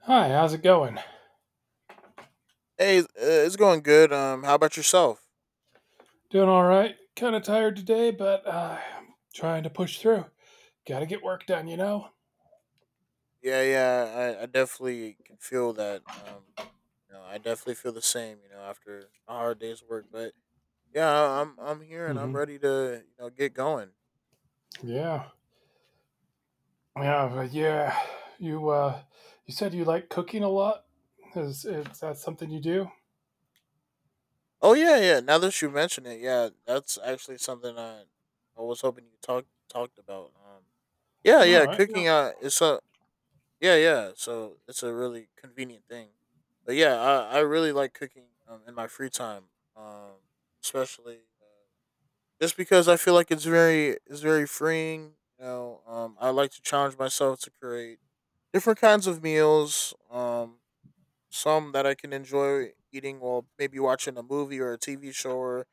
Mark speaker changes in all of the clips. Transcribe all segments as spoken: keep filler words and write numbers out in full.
Speaker 1: Hi, how's it going?
Speaker 2: Hey, it's uh, it's going good. Um, how about yourself?
Speaker 1: Doing all right. Kind of tired today, but uh, trying to push through. Got to get work done, you know.
Speaker 2: Yeah, yeah, I, I definitely can feel that. Um, you know, I definitely feel the same. You know, after a hard day's work, but yeah, I- I'm I'm here and I'm
Speaker 1: Hmm.
Speaker 2: ready to you know get going.
Speaker 1: Yeah, yeah, but yeah. You uh, you said you like cooking a lot. Is is that something you do?
Speaker 2: Oh yeah, yeah. Now that you mention it, yeah, that's actually something I I was hoping you talk talked about. Um, yeah,
Speaker 1: All
Speaker 2: yeah,
Speaker 1: right. Yeah.
Speaker 2: cooking uh is a yeah, yeah. So it's a really convenient thing. But yeah, I, I really like cooking um, in my free time. Um, especially. Uh, just because I feel like it's very it's very freeing. You know, um, I like to challenge myself to create different kinds of meals. Um, some that I can enjoy eating while maybe watching a movie or a T V show or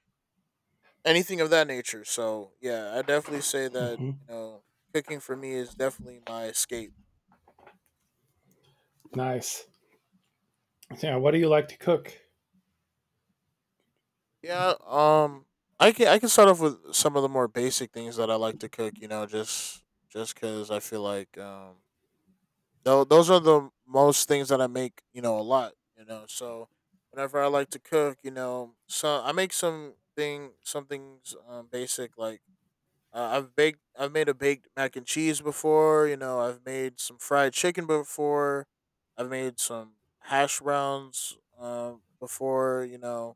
Speaker 2: anything of that nature. So yeah, I definitely say that you
Speaker 1: Hmm.
Speaker 2: know cooking for me is definitely my escape.
Speaker 1: Nice. Yeah. What do you like to cook?
Speaker 2: Yeah. Um, I can I can start off with some of the more basic things that I like to cook. You know, just just because I feel like um Though those are the most things that I make, you know, a lot, you know. So whenever I like to cook, you know, so I make some thing some things um, basic like uh, I've baked I've made a baked mac and cheese before, you know, I've made some fried chicken before. I've made some hash browns um before, you know,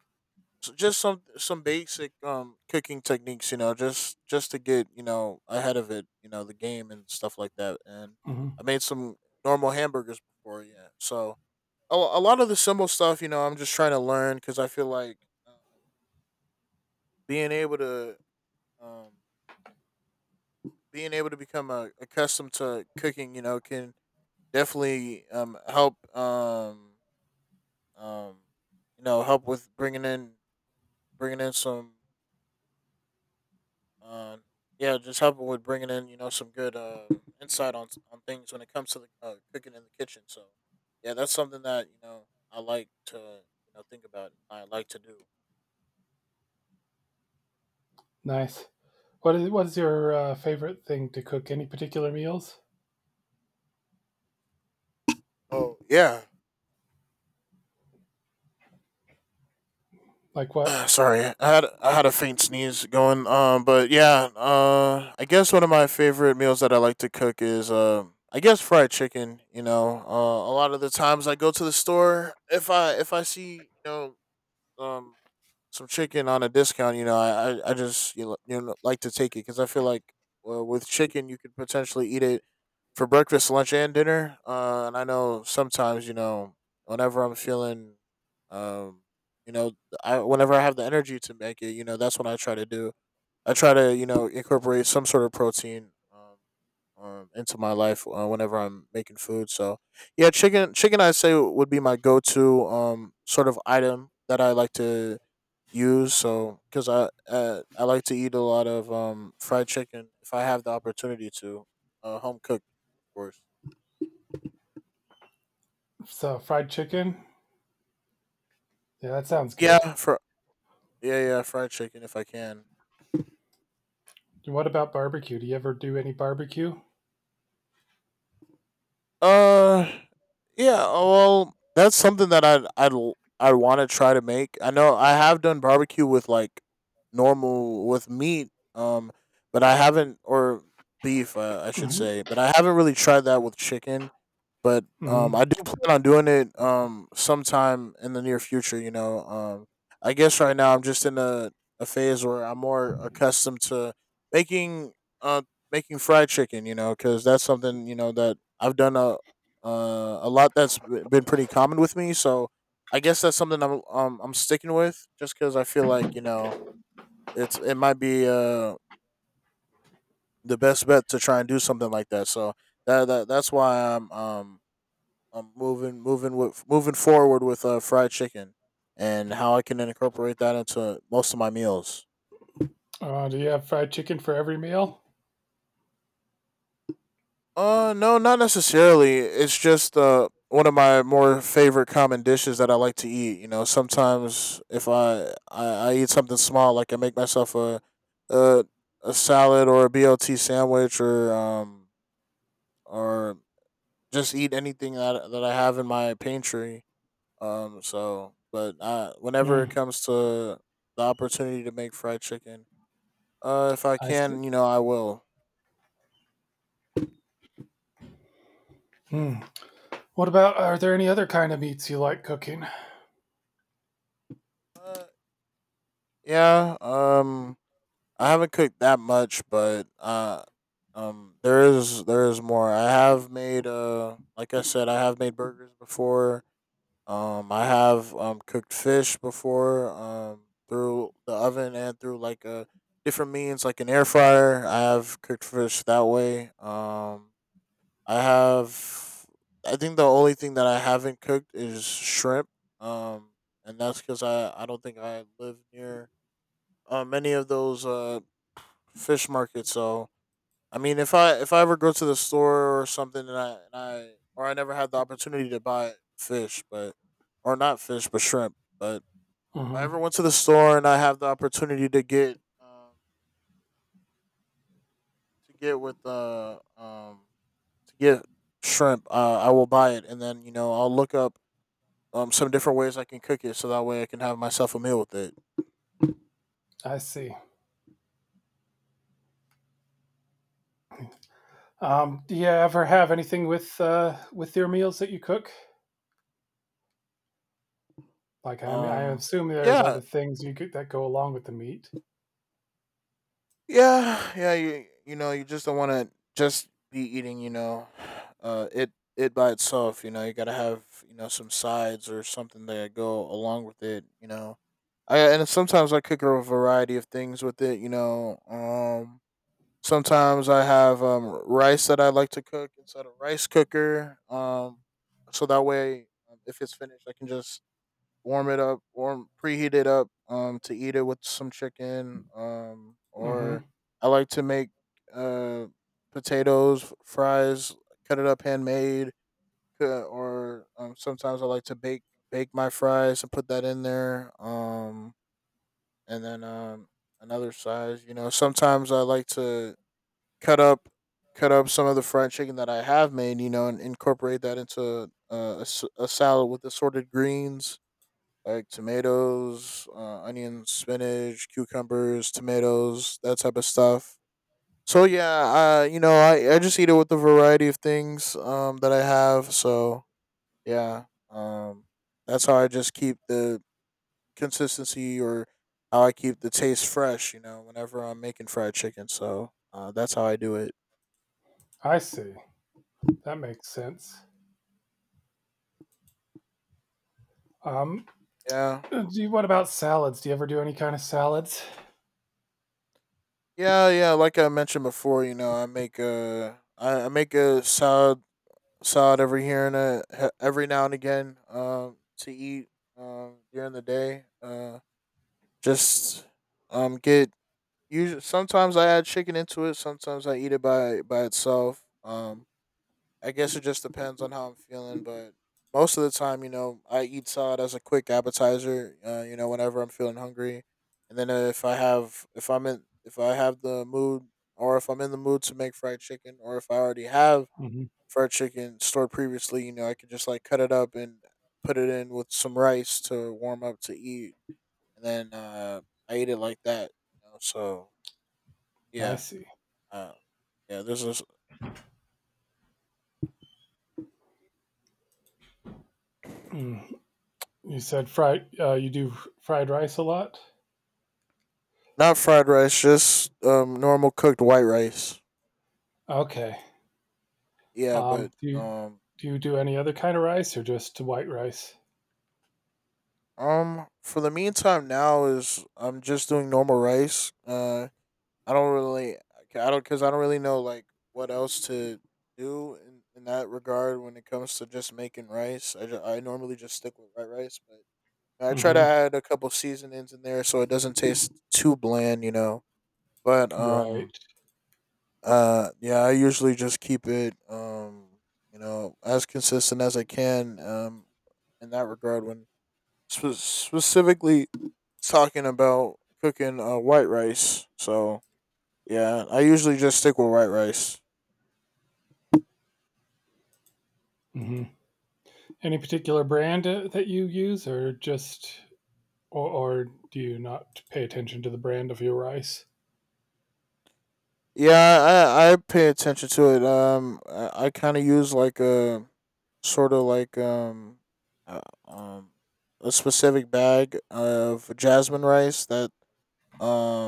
Speaker 2: so just some some basic um cooking techniques, you know, just just to get, you know, ahead of it you know, the game and stuff like that. And I
Speaker 1: Hmm.
Speaker 2: made some normal hamburgers before, yeah. So a, a lot of the simple stuff, you know, I'm just trying to learn because I feel like uh, being able to um being able to become uh accustomed to cooking, you know, can definitely um help um um you know, help with bringing in bringing in some Um, yeah, just helping with bringing in, you know, some good uh, insight on on things when it comes to the uh, cooking in the kitchen. So yeah, that's something that, you know, I like to, you know, think about and I like to do.
Speaker 1: Nice. What is what is your uh, favorite thing to cook? Any particular meals?
Speaker 2: Oh yeah.
Speaker 1: Like what?
Speaker 2: Uh, sorry, I had I had a faint sneeze going. Um, but yeah, uh, I guess one of my favorite meals that I like to cook is um, I guess fried chicken. You know, uh, a lot of the times I go to the store if I if I see, you know, um some chicken on a discount. You know, I I I just, you know, you know like to take it because I feel like uh, with chicken you could potentially eat it for breakfast, lunch, and dinner. Uh, and I know sometimes, you know, whenever I'm feeling, um, you know, I whenever I have the energy to make it, you know, that's what I try to do. I try to, you know, incorporate some sort of protein um, um, into my life uh, whenever I'm making food. So yeah, chicken chicken I say would be my go to um sort of item that I like to use. So because I uh, I like to eat a lot of um fried chicken if I have the opportunity to, uh, home cooked, of course.
Speaker 1: So fried chicken. Yeah, that sounds good.
Speaker 2: Yeah, for yeah yeah fried chicken if I can.
Speaker 1: What about barbecue? Do you ever do any barbecue?
Speaker 2: Uh, yeah. Well, that's something that I'd I'd l- I want to try to make. I know I have done barbecue with like normal with meat. Um, but I haven't or Beef, uh, I should
Speaker 1: Mhm.
Speaker 2: say, but I haven't really tried that with chicken. But um, I
Speaker 1: Mhm.
Speaker 2: do plan on doing it um sometime in the near future. You know, um, I guess right now I'm just in a, a phase where I'm more accustomed to making uh making fried chicken. You know, because that's something, you know, that I've done a uh, a lot, that's b- been pretty common with me. So I guess that's something I'm um I'm sticking with, just because I feel like, you know, it's it might be uh the best bet to try and do something like that. So that, that that's why I'm um um, moving moving with moving forward with uh, fried chicken and how I can incorporate that into most of my meals.
Speaker 1: Uh, do you have fried chicken for every meal?
Speaker 2: Uh, no, not necessarily. It's just uh one of my more favorite common dishes that I like to eat. You know, sometimes if I I, I eat something small, like I make myself a a a salad or a B L T sandwich or um or just eat anything that that I have in my pantry. Um, so, but uh, whenever it
Speaker 1: Mm,
Speaker 2: comes to the opportunity to make fried chicken, uh, if I
Speaker 1: I see.
Speaker 2: can, you know, I will.
Speaker 1: Hmm. What about are there any other kind of meats you like cooking?
Speaker 2: Uh, yeah. Um, I haven't cooked that much, but uh, um, there is there is more. I have made uh, like I said, I have made burgers before. Um, I have um cooked fish before. Um, through the oven and through like a different means, like an air fryer. I have cooked fish that way. Um I have. I think the only thing that I haven't cooked is shrimp. Um, and that's because I I don't think I live near uh, many of those uh fish markets. So I mean, if I if I ever go to the store or something, and I and I or I never had the opportunity to buy fish, but or not fish, but shrimp. But if I ever
Speaker 1: Hmm.
Speaker 2: went to the store and I have the opportunity to get um to get with uh um to get shrimp, uh, I will buy it, and then you know I'll look up um some different ways I can cook it so that way I can have myself a meal with it.
Speaker 1: I see. Um, do you ever have anything with uh, with your meals that you cook? Like I mean, I
Speaker 2: Um
Speaker 1: assume there's
Speaker 2: yeah,
Speaker 1: other things you could that go along with the meat.
Speaker 2: Yeah, yeah, you you know, you just don't want to just be eating, you know, uh, it it by itself. You know, you gotta have, you know, some sides or something that go along with it. You know, I and sometimes I cook a variety of things with it. You know, um, sometimes I have um rice that I like to cook inside a rice cooker. Um, so that way, um, if it's finished, I can just warm it up, warm preheat it up um to eat it with some chicken um
Speaker 1: Hmm.
Speaker 2: or I like to make uh potatoes, f- fries, cut it up handmade, uh, or um sometimes I like to bake bake my fries and put that in there, um and then um another size. You know, sometimes I like to cut up cut up some of the fried chicken that I have made, you know, and incorporate that into uh, a, s- a salad with assorted greens like tomatoes, uh, onions, spinach, cucumbers, tomatoes, that type of stuff. So yeah, uh, you know, I, I just eat it with a variety of things um that I have. So yeah, um, that's how I just keep the consistency, or how I keep the taste fresh. You know, whenever I'm making fried chicken, so uh, that's how I do it.
Speaker 1: I see. That makes sense. Um,
Speaker 2: Yeah,
Speaker 1: do you, what about salads? Do you ever do any kind of salads?
Speaker 2: yeah, yeah. Like I mentioned before, you know, I make a I, I make a salad salad every here and a, he- every now and again, um, to eat um, during the day. Uh, just um, get usually sometimes I add chicken into it. Sometimes I eat it by by itself. Um, I guess it just depends on how I'm feeling, but most of the time, you know, I eat salad as a quick appetizer. Uh, you know, whenever I'm feeling hungry, and then uh, if I have if I'm in if I have the mood, or if I'm in the mood to make fried chicken, or if I already have
Speaker 1: Hmm.
Speaker 2: fried chicken stored previously, you know, I could just like cut it up and put it in with some rice to warm up to eat, and then uh, I ate it like that. You know, so
Speaker 1: I
Speaker 2: yeah,
Speaker 1: see.
Speaker 2: uh, yeah. This is yeah.
Speaker 1: Mm. You said fried. Uh, you do fried rice a lot.
Speaker 2: Not fried rice, just um normal cooked white rice.
Speaker 1: Okay.
Speaker 2: Yeah,
Speaker 1: Um,
Speaker 2: but
Speaker 1: do you
Speaker 2: um
Speaker 1: do you do any other kind of rice or just white rice?
Speaker 2: um for the meantime now is I'm just doing normal rice. Uh, I don't really, okay, I don't, cause I don't really know like what else to do in, in that regard when it comes to just making rice. I, ju- I normally just stick with white rice, but I try to
Speaker 1: Hmm.
Speaker 2: add a couple seasonings in there so it doesn't taste too bland, you know. But um,
Speaker 1: Right.
Speaker 2: uh, Yeah, I usually just keep it um, you know, as consistent as I can, um, in that regard when spe- specifically talking about cooking uh white rice. So yeah, I usually just stick with white rice.
Speaker 1: Hmm. Any particular brand uh, that you use, or just, or, or do you not pay attention to the brand of your rice?
Speaker 2: Yeah, I I pay attention to it. Um, I, I kind of use like a sort of like um, uh, um, a specific bag of jasmine rice that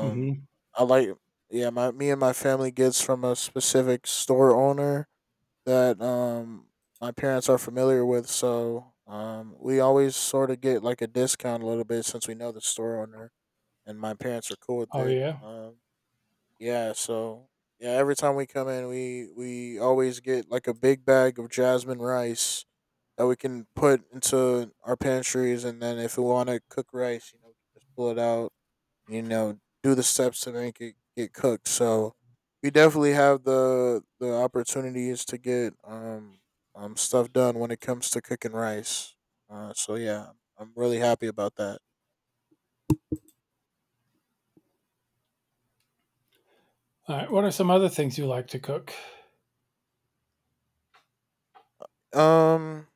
Speaker 1: Hmm.
Speaker 2: I like. Yeah, my me and my family gets from a specific store owner that um my parents are familiar with. So um we always sort of get like a discount a little bit since we know the store owner and my parents are cool with
Speaker 1: Oh
Speaker 2: it.
Speaker 1: yeah.
Speaker 2: Um Yeah, so yeah, every time we come in, we we always get like a big bag of jasmine rice that we can put into our pantries, and then if we want to cook rice, you know, we can just pull it out, you know, do the steps to make it get cooked. So we definitely have the the opportunities to get um um stuff done when it comes to cooking rice. Uh, so yeah, I'm really happy about that.
Speaker 1: All right. What are some other things you like to cook?
Speaker 2: Um,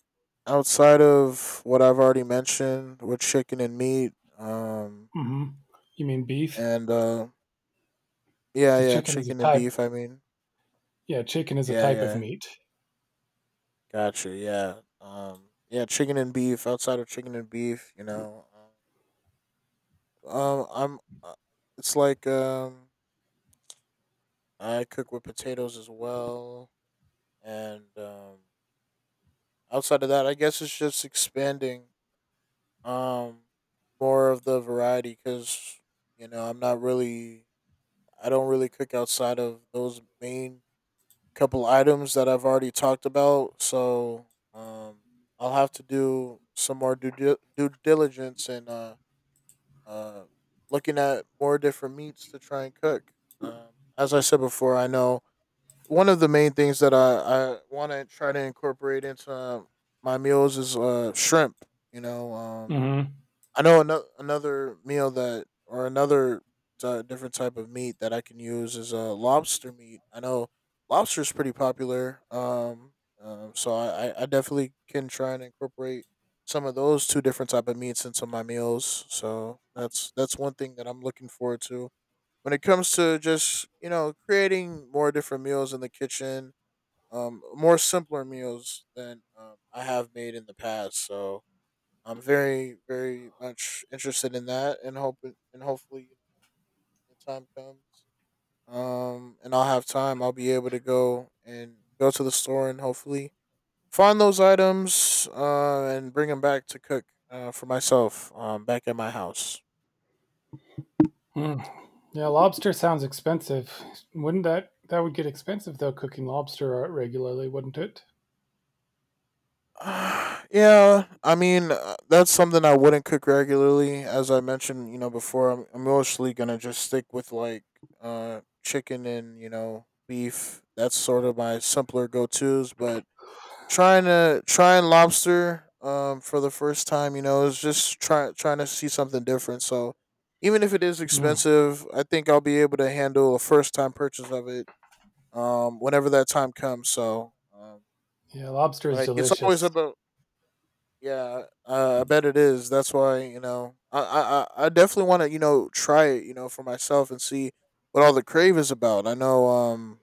Speaker 2: Outside of what I've already mentioned with chicken and meat, um,
Speaker 1: Hmm. You mean beef?
Speaker 2: and uh, yeah,
Speaker 1: Because
Speaker 2: yeah,
Speaker 1: chicken is a
Speaker 2: chicken and
Speaker 1: type.
Speaker 2: beef. I mean,
Speaker 1: Yeah, chicken is a
Speaker 2: yeah,
Speaker 1: type of
Speaker 2: yeah,
Speaker 1: meat.
Speaker 2: gotcha. Yeah, um, yeah, chicken and beef. Outside of chicken and beef, you know, um, uh, I'm. Uh, It's like um, I cook with potatoes as well, and um, outside of that, I guess it's just expanding um more of the variety because you know I'm not really I don't really cook outside of those main couple items that I've already talked about. So um, I'll have to do some more due, dil- due diligence and uh, uh, looking at more different meats to try and cook. Um, as I said before, I know one of the main things that I, I want to try to incorporate into uh, my meals is uh, shrimp. You know, um,
Speaker 1: Hmm.
Speaker 2: I know another another meal that or another uh, different type of meat that I can use is uh lobster meat. I know lobster is pretty popular. Um, um so I I I definitely can try and incorporate some of those two different type of meats into my meals. So that's that's one thing that I'm looking forward to when it comes to just you know creating more different meals in the kitchen. Um, more simpler meals than um, I have made in the past. So I'm very, very much interested in that, and hoping, and hopefully, you know, the time comes, um, and I'll have time. I'll be able to go and go to the store and hopefully find those items, uh, and bring them back to cook, uh, for myself, um, back at my house.
Speaker 1: Mm. Yeah, lobster sounds expensive. Wouldn't that that would get expensive though? Cooking lobster uh, regularly, wouldn't it?
Speaker 2: Ah, yeah, I mean, uh, that's something I wouldn't cook regularly, as I mentioned, you know, before. I'm, I'm mostly gonna just stick with like, uh, chicken and you know, beef. That's sort of my simpler go tos, but trying to trying lobster um for the first time you know is just trying trying to see something different. So even if it is expensive, I think I'll be able to handle a first time purchase of it, um whenever that time comes. So um
Speaker 1: Yeah, lobster is
Speaker 2: like it's always
Speaker 1: delicious.
Speaker 2: about yeah, uh, I bet it is. That's why you know I I I I definitely want to you know try it you know for myself and see what all the crave is about. I know um,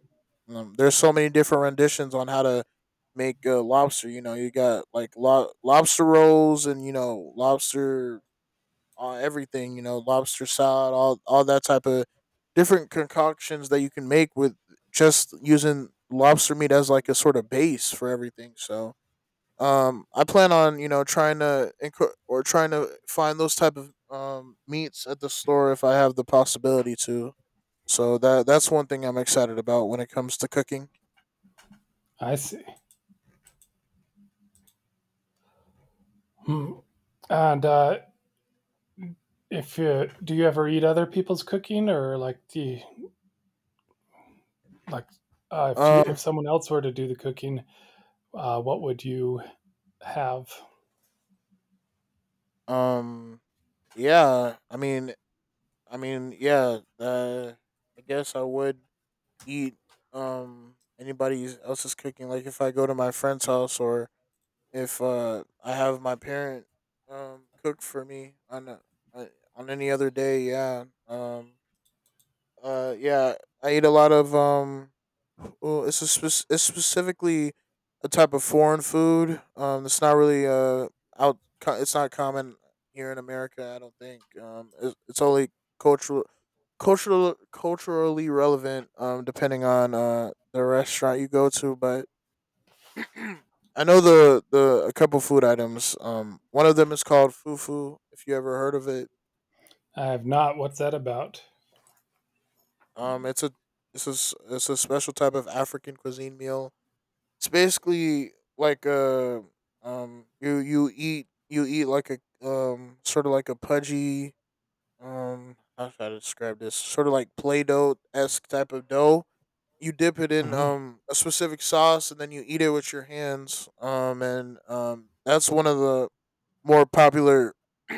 Speaker 2: um there's so many different renditions on how to make uh, lobster. You know you got like lo- lobster rolls and you know lobster uh, everything. You know lobster salad, all all that type of different concoctions that you can make with just using lobster meat as like a sort of base for everything. So um I plan on you know trying to inc- or trying to find those type of um meats at the store if I have the possibility to. So that that's one thing I'm excited about when it comes to cooking.
Speaker 1: I see. Hmm. And uh, if you do you ever eat other people's cooking, or like do you, like uh, if you if
Speaker 2: um
Speaker 1: someone else were to do the cooking, uh, what would you have?
Speaker 2: um yeah, I mean, i mean yeah uh, I guess I would eat um anybody else's cooking, like if I go to my friend's house or if uh I have my parent um cook for me on a, uh, on any other day. Yeah. Um Uh, yeah, I eat a lot of um. Well, it's a spec- it's specifically a type of foreign food. Um, it's not really uh out. co- It's not common here in America, I don't think. Um, it's, it's only cultural, cultural, culturally relevant. Um, depending on uh the restaurant you go to, but I know the the a couple food items. Um, one of them is called fufu, if you ever heard of it.
Speaker 1: I have not. What's that about?
Speaker 2: Um, it's a it's a s- it's a special type of African cuisine meal. It's basically like a um you you eat you eat like a um sort of like a pudgy, um how should I describe this, sort of like play dough esque type of dough. You dip it in
Speaker 1: Hmm.
Speaker 2: um a specific sauce and then you eat it with your hands. Um and um That's one of the more popular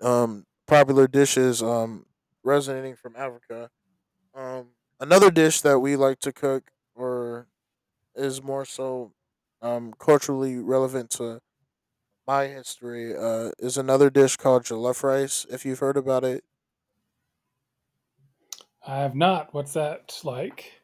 Speaker 2: um popular dishes, um resonating from Africa. Um Another dish that we like to cook, or is more so um, culturally relevant to my history, uh, is another dish called jollof rice, if you've heard about it.
Speaker 1: I have not. What's that like?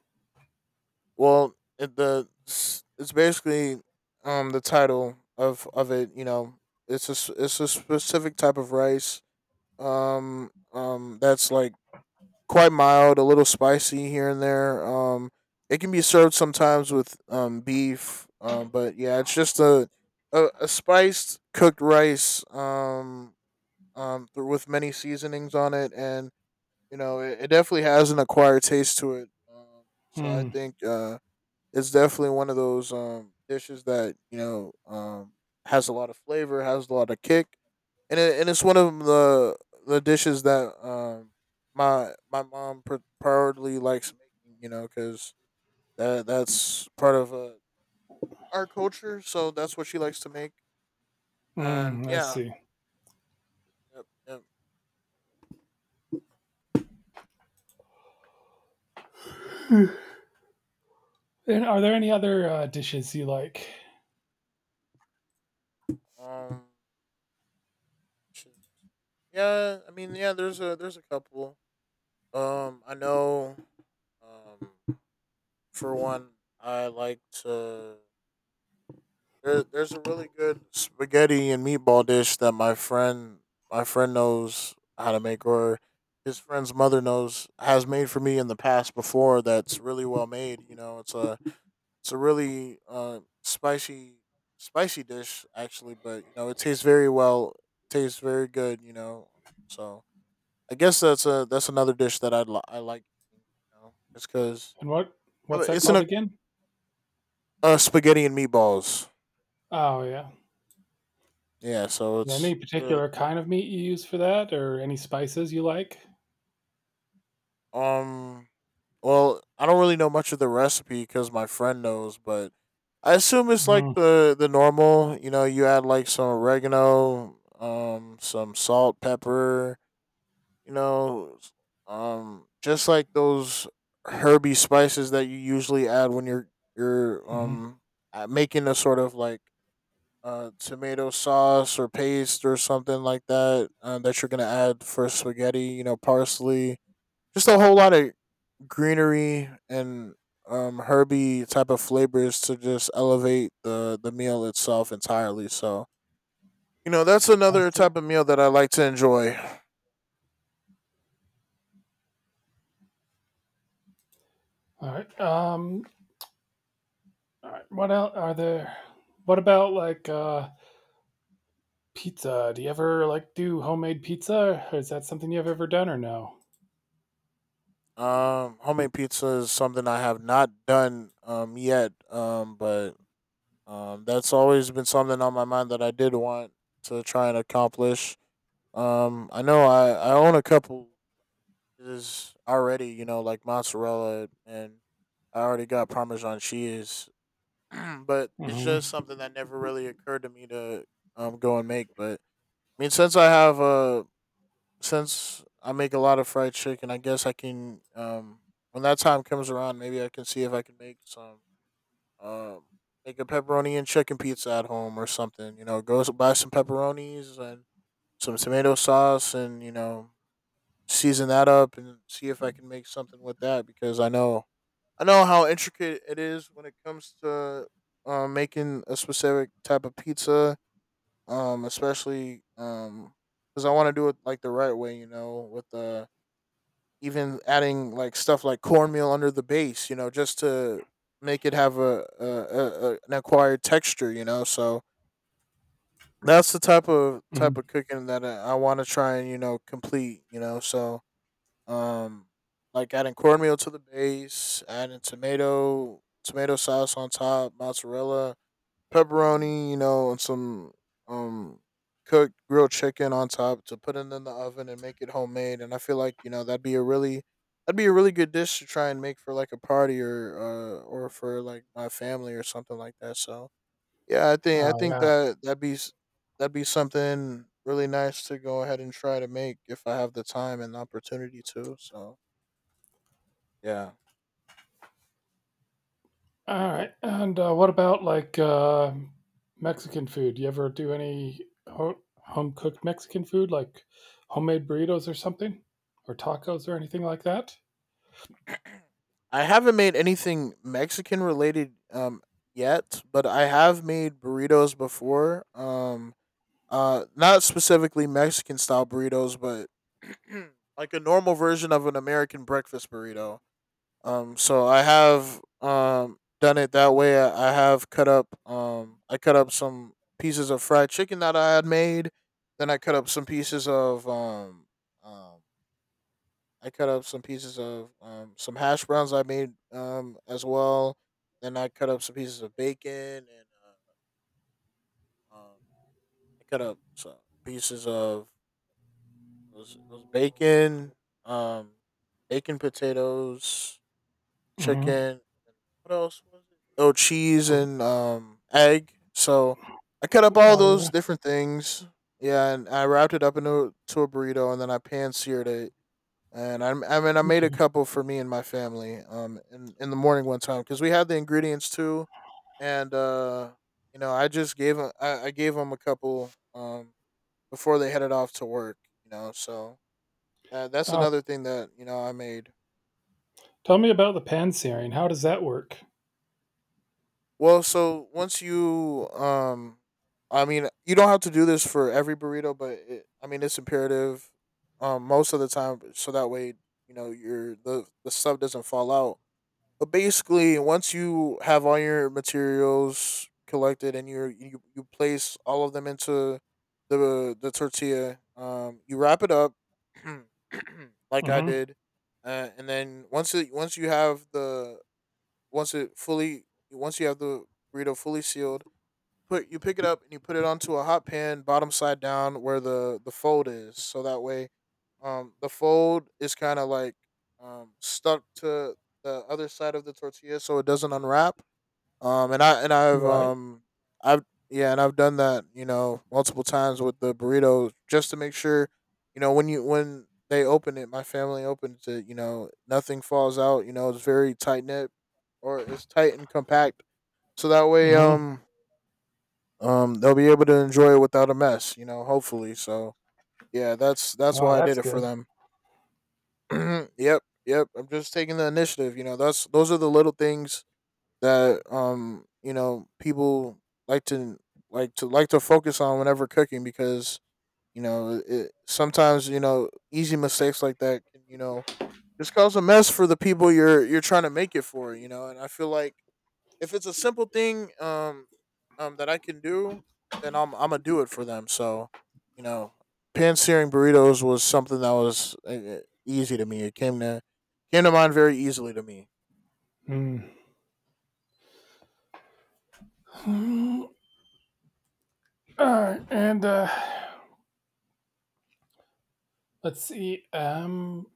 Speaker 2: Well, it, the it's basically um, the title of of it. You know, it's a s- it's a specific type of rice, um, um, that's like quite mild, a little spicy here and there. Um, it can be served sometimes with um, beef, um, but yeah, it's just a a, a spiced cooked rice, um um, th- with many seasonings on it, and you know it, it definitely has an acquired taste to it. Um, so I
Speaker 1: Hmm.
Speaker 2: think uh, it's definitely one of those um, dishes that you know um, has a lot of flavor, has a lot of kick, and it, and it's one of the the dishes that um, my my mom pr- priority likes making. You know, because that that's part of uh, our culture, so that's what she likes to make. And
Speaker 1: Mm, I
Speaker 2: yeah,
Speaker 1: see.
Speaker 2: yep, yep.
Speaker 1: And are there any other uh, dishes you like?
Speaker 2: Um, Shoes. Yeah, I mean, yeah, there's a there's a couple. Um, I know. Um, for one, I like to. There, there's a really good spaghetti and meatball dish that my friend my friend knows how to make, or his friend's mother knows has made for me in the past before. That's really well made. You know, it's a it's a really uh spicy spicy dish actually, but you know it tastes very well, tastes very good. You know, so I guess that's a that's another dish that I'd li- I like. You know, just because
Speaker 1: And what what's that
Speaker 2: it's in
Speaker 1: called
Speaker 2: a
Speaker 1: again?
Speaker 2: uh, spaghetti and meatballs.
Speaker 1: Oh yeah.
Speaker 2: Yeah, so
Speaker 1: Yeah, any
Speaker 2: it's uh,
Speaker 1: particular kind of meat you use for that, or any spices you like?
Speaker 2: um. Well, I don't really know much of the recipe because my friend knows, but I assume it's like
Speaker 1: Mm-hmm.
Speaker 2: the the normal. You know, you add like some oregano, um, some salt, pepper. You know, s- um, just like those herby spices that you usually add when you're you're um uh, making a sort of like uh, tomato sauce or paste or something like that, uh, that you're gonna add for spaghetti. You know, parsley, just a whole lot of greenery and um, herby type of flavors to just elevate the the meal itself entirely. So you know, that's
Speaker 1: I
Speaker 2: another
Speaker 1: see.
Speaker 2: type of meal that I like to enjoy.
Speaker 1: All right. Um. All right. What else are there? What about like uh pizza? Do you ever like do homemade pizza? Or is that something you've ever done or no?
Speaker 2: Um, homemade pizza is something I have not done um yet. Um, but um, that's always been something on my mind that I did want to try and accomplish. Um, I know I, I own a couple is already, you know, like mozzarella, and I already got parmesan cheese, but it's just
Speaker 1: Mm-hmm.
Speaker 2: something that never really occurred to me to um go and make. But I mean, since I have a since I make a lot of fried chicken, I guess I can um when that time comes around, maybe I can see if I can make some um make a pepperoni and chicken pizza at home or something. You know, go s- buy some pepperonis and some tomato sauce and you know season that up and see if I can make something with that, because I know I know how intricate it is when it comes to uh, making a specific type of pizza, um, especially um, because I want to do it like the right way, you know, with uh, even adding like stuff like cornmeal under the base, you know, just to make it have a, a, a, a an acquired texture, you know. So that's the type of type
Speaker 1: Mm.
Speaker 2: of cooking that I, I want to try and you know complete, you know. So Um, like adding cornmeal to the base, adding tomato tomato sauce on top, mozzarella, pepperoni, you know, and some um cooked grilled chicken on top to put it in the oven and make it homemade. And I feel like you know that'd be a really that'd be a really good dish to try and make for like a party or uh or for like my family or something like that. So yeah, I think I
Speaker 1: Oh
Speaker 2: think
Speaker 1: yeah.
Speaker 2: that that'd be s- that'd be something really nice to go ahead and try to make if I have the time and opportunity to. So yeah.
Speaker 1: All right. And uh, what about like uh, Mexican food? Do you ever do any ho- home cooked Mexican food, like homemade burritos or something, or tacos or anything like that?
Speaker 2: I haven't made anything Mexican related um yet, but I have made burritos before. Um uh not specifically Mexican style burritos, but like a normal version of an American breakfast burrito. Um so I have um done it that way. I, I have cut up um I cut up some pieces of fried chicken that I had made. Then I cut up some pieces of um um I cut up some pieces of um, some hash browns I made um, as well. Then I cut up some pieces of bacon and uh, um, I cut up some pieces of it was, it was bacon, um, bacon, potatoes, chicken.
Speaker 1: Mm-hmm.
Speaker 2: And what else was it? Oh, cheese
Speaker 1: Oh
Speaker 2: and um, egg. So I cut up all
Speaker 1: oh, yeah.
Speaker 2: those different things. Yeah, and I wrapped it up into to a burrito, and then I pan seared it, and I, I mean I made a
Speaker 1: Okay.
Speaker 2: couple for me and my family um in, in the morning one time because we had the ingredients too, and uh you know I just gave them I, I gave them a couple um before they headed off to work, you know. So uh, that's
Speaker 1: Uh,
Speaker 2: another thing that you know I made.
Speaker 1: tell me about the pan searing. How does that work?
Speaker 2: Well, so once you um I mean you don't have to do this for every burrito, but it, I mean it's imperative um most of the time, so that way you know your the the sub doesn't fall out. But basically, once you have all your materials collected and you you you place all of them into the the tortilla, um, you wrap it up like I
Speaker 1: Mm-hmm.
Speaker 2: did, uh, and then once it once you have the once it fully once you have the burrito fully sealed, put you pick it up and you put it onto a hot pan, bottom side down, where the the fold is. So that way, um, the fold is kind of like um stuck to the other side of the tortilla, so it doesn't unwrap. Um, and I and I've
Speaker 1: Right.
Speaker 2: um I've Yeah, and I've done that you know multiple times with the burrito just to make sure you know when you when they open it, my family opens it. You know, nothing falls out. You know, it's very tight knit, or it's tight and compact. So that way,
Speaker 1: Mm-hmm.
Speaker 2: um, um, they'll be able to enjoy it without a mess, you know, hopefully. So yeah, that's that's
Speaker 1: Oh,
Speaker 2: why I
Speaker 1: that's
Speaker 2: did it for
Speaker 1: good.
Speaker 2: them. Yep, yep. I'm just taking the initiative, you know. That's those are the little things that um, you know, people like to like to like to focus on whenever cooking because, you know, it, sometimes, you know, easy mistakes like that can, you know, just cause a mess for the people you're you're trying to make it for, you know. And I feel like if it's a simple thing um um that I can do, then I'm I'm gonna do it for them. So, you know, pan searing burritos was something that was uh, easy to me. It came to came to mind very easily to me.
Speaker 1: Mm. All right, and uh, let's see. Um,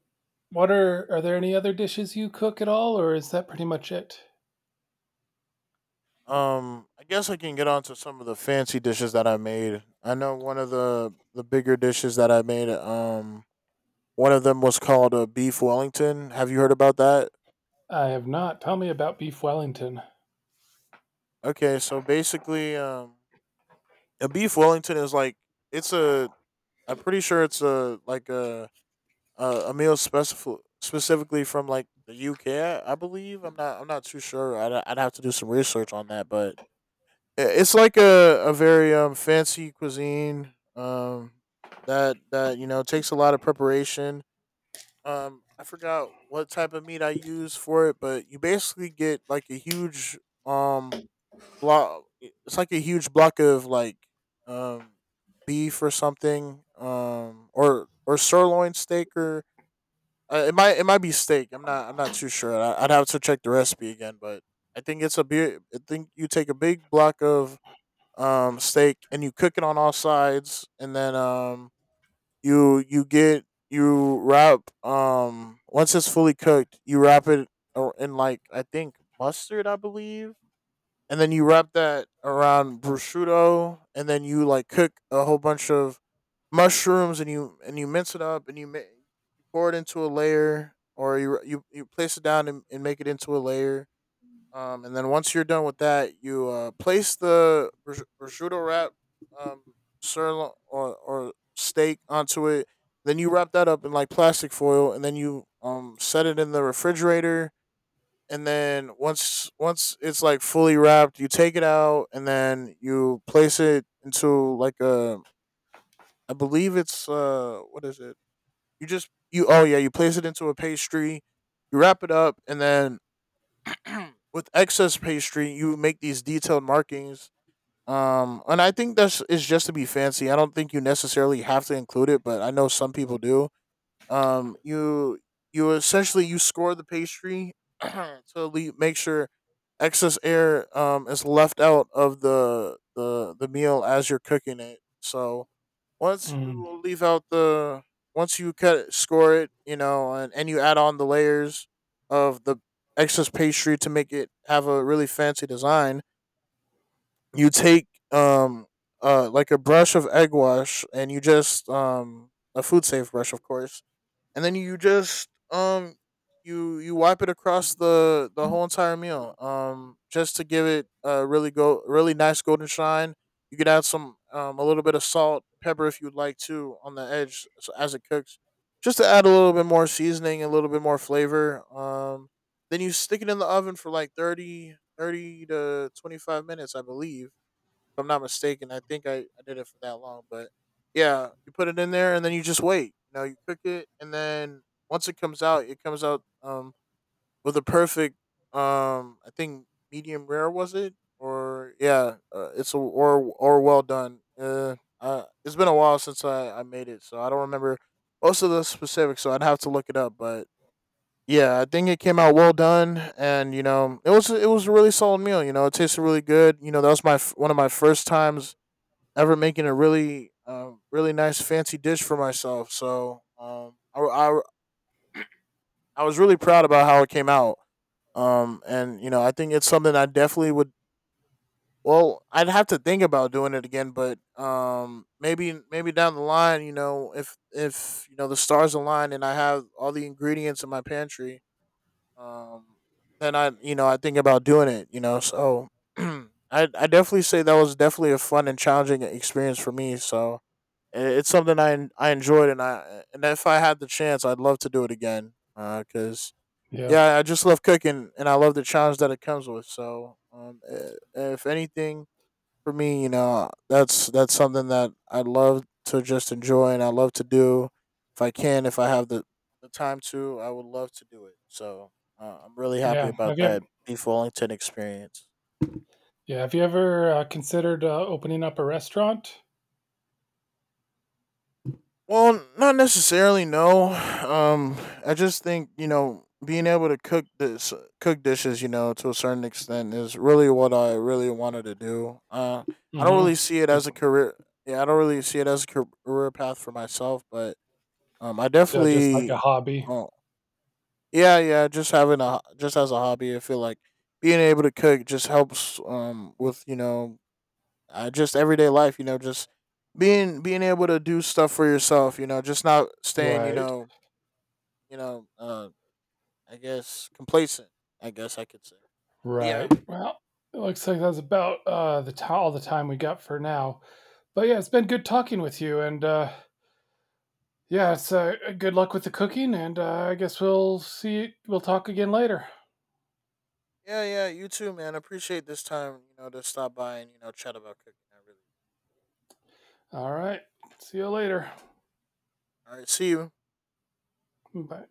Speaker 1: what are are there any other dishes you cook at all, or is that pretty much it?
Speaker 2: Um, I guess I can get onto some of the fancy dishes that I made. I know one of the the bigger dishes that I made. Um, one of them was called a beef Wellington. Have you heard about that?
Speaker 1: I have not. Tell me about beef Wellington.
Speaker 2: Okay, so basically, um, a beef Wellington is like it's a I'm pretty sure it's a like a a, a meal specif- specifically from like the U K. Believe I'm not I'm not too sure. I'd I'd have to do some research on that, but i- it's like a a very um fancy cuisine um that that you know takes a lot of preparation. Um, I forgot what type of meat I use for it, but you basically get like a huge um block. It's like a huge block of like um beef or something, um or or sirloin steak or uh, it might it might be steak. I'm not I'm not too sure. I, I'd have to check the recipe again, but I think it's a beer. I think you take a big block of um steak and you cook it on all sides, and then um you you get you wrap um once it's fully cooked, you wrap it ar- in like I think mustard, I believe, and then you wrap that around prosciutto, and then you like cook a whole bunch of mushrooms, and you and you mince it up, and you ma- you pour it into a layer, or you you, you place it down and, and make it into a layer. Um, and then once you're done with that, you uh, place the pros- prosciutto wrap, um, sirloin or, or steak onto it. Then you wrap that up in like plastic foil, and then you um set it in the refrigerator. And then once once it's like fully wrapped, you take it out and then you place it into like a I believe it's uh what is it? You just you Oh yeah, you place it into a pastry, you wrap it up, and then with excess pastry you make these detailed markings. Um and I think that's it's just to be fancy. I don't think you necessarily have to include it, but I know some people do. um you you essentially you score the pastry to le- make sure excess air um is left out of the the the meal as you're cooking it. So once
Speaker 1: Mm.
Speaker 2: you leave out the once you cut it, score it, you know, and, and you add on the layers of the excess pastry to make it have a really fancy design, you take um uh like a brush of egg wash and you just um a food safe brush of course, and then you just um you you wipe it across the the whole entire meal um just to give it a really go really nice golden shine. You could add some um a little bit of salt, pepper, if you'd like to on the edge s- as it cooks, just to add a little bit more seasoning, a little bit more flavor. Um then you stick it in the oven for like thirty thirty to twenty-five minutes, I believe, I'm not mistaken. I think I, I did it for that long, but yeah, you put it in there and then you just wait. You know, you cook it, and then once it comes out, it comes out um with a perfect um I think medium rare, was it? Or yeah, uh, it's a, or or well done. Uh, uh, it's been a while since I I made it, so I don't remember most of the specifics. So I'd have to look it up, but yeah, I think it came out well done, and you know, it was it was a really solid meal. You know, it tasted really good. You know, that was my f- one of my first times ever making a really, um, really nice fancy dish for myself. So um, I, I, I was really proud about how it came out. Um, and you know, I think it's something I definitely would. Well, I'd have to think about doing it again, but um, maybe maybe down the line, you know, if if you know the stars align and I have all the ingredients in my pantry, um, then I you know I think about doing it. You know, so I I definitely say that was definitely a fun and challenging experience for me. So it's something I I enjoyed, and I and if I had the chance, I'd love to do it again. Uh, cause
Speaker 1: Yeah,
Speaker 2: yeah, I just love cooking, and I love the challenge that it comes with. So, um, i- if anything for me, you know, that's that's something that I love to just enjoy, and I love to do if I can. If I have the the time to, I would love to do it. So, uh, I'm really happy
Speaker 1: yeah. Have
Speaker 2: about
Speaker 1: you?
Speaker 2: that Beef Wellington experience.
Speaker 1: Yeah, have you ever uh, considered uh, opening up a restaurant?
Speaker 2: Well, not necessarily. No, um, I just think you know being able to cook this cook dishes, you know, to a certain extent, is really what I really wanted to do. Uh, I don't
Speaker 1: Mm-hmm.
Speaker 2: really see it
Speaker 1: It-
Speaker 2: as a career. Yeah, I don't really see it as a career path for myself, but um, I
Speaker 1: So just like a
Speaker 2: definitely.
Speaker 1: hobby,
Speaker 2: Oh, yeah, yeah. Just having a ho- just as a hobby, I feel like being able to cook just helps um with you know uh, just everyday life. You know, just being being able to do stuff for yourself. You know, just not staying. You
Speaker 1: right?
Speaker 2: know, you know. Uh, I guess complacent. I guess I could say. Yeah,
Speaker 1: Right. Well, it looks like that's about uh, the ti all the time we got for now. But yeah, it's been good talking with you, and uh, yeah, it's uh, good luck with the cooking, and uh, I guess we'll see. We'll talk again later.
Speaker 2: yeah, yeah. You too, man. Appreciate this time. You know, to stop by and you know chat about cooking. I really.
Speaker 1: All right. See you later.
Speaker 2: All right. See you.
Speaker 1: Bye.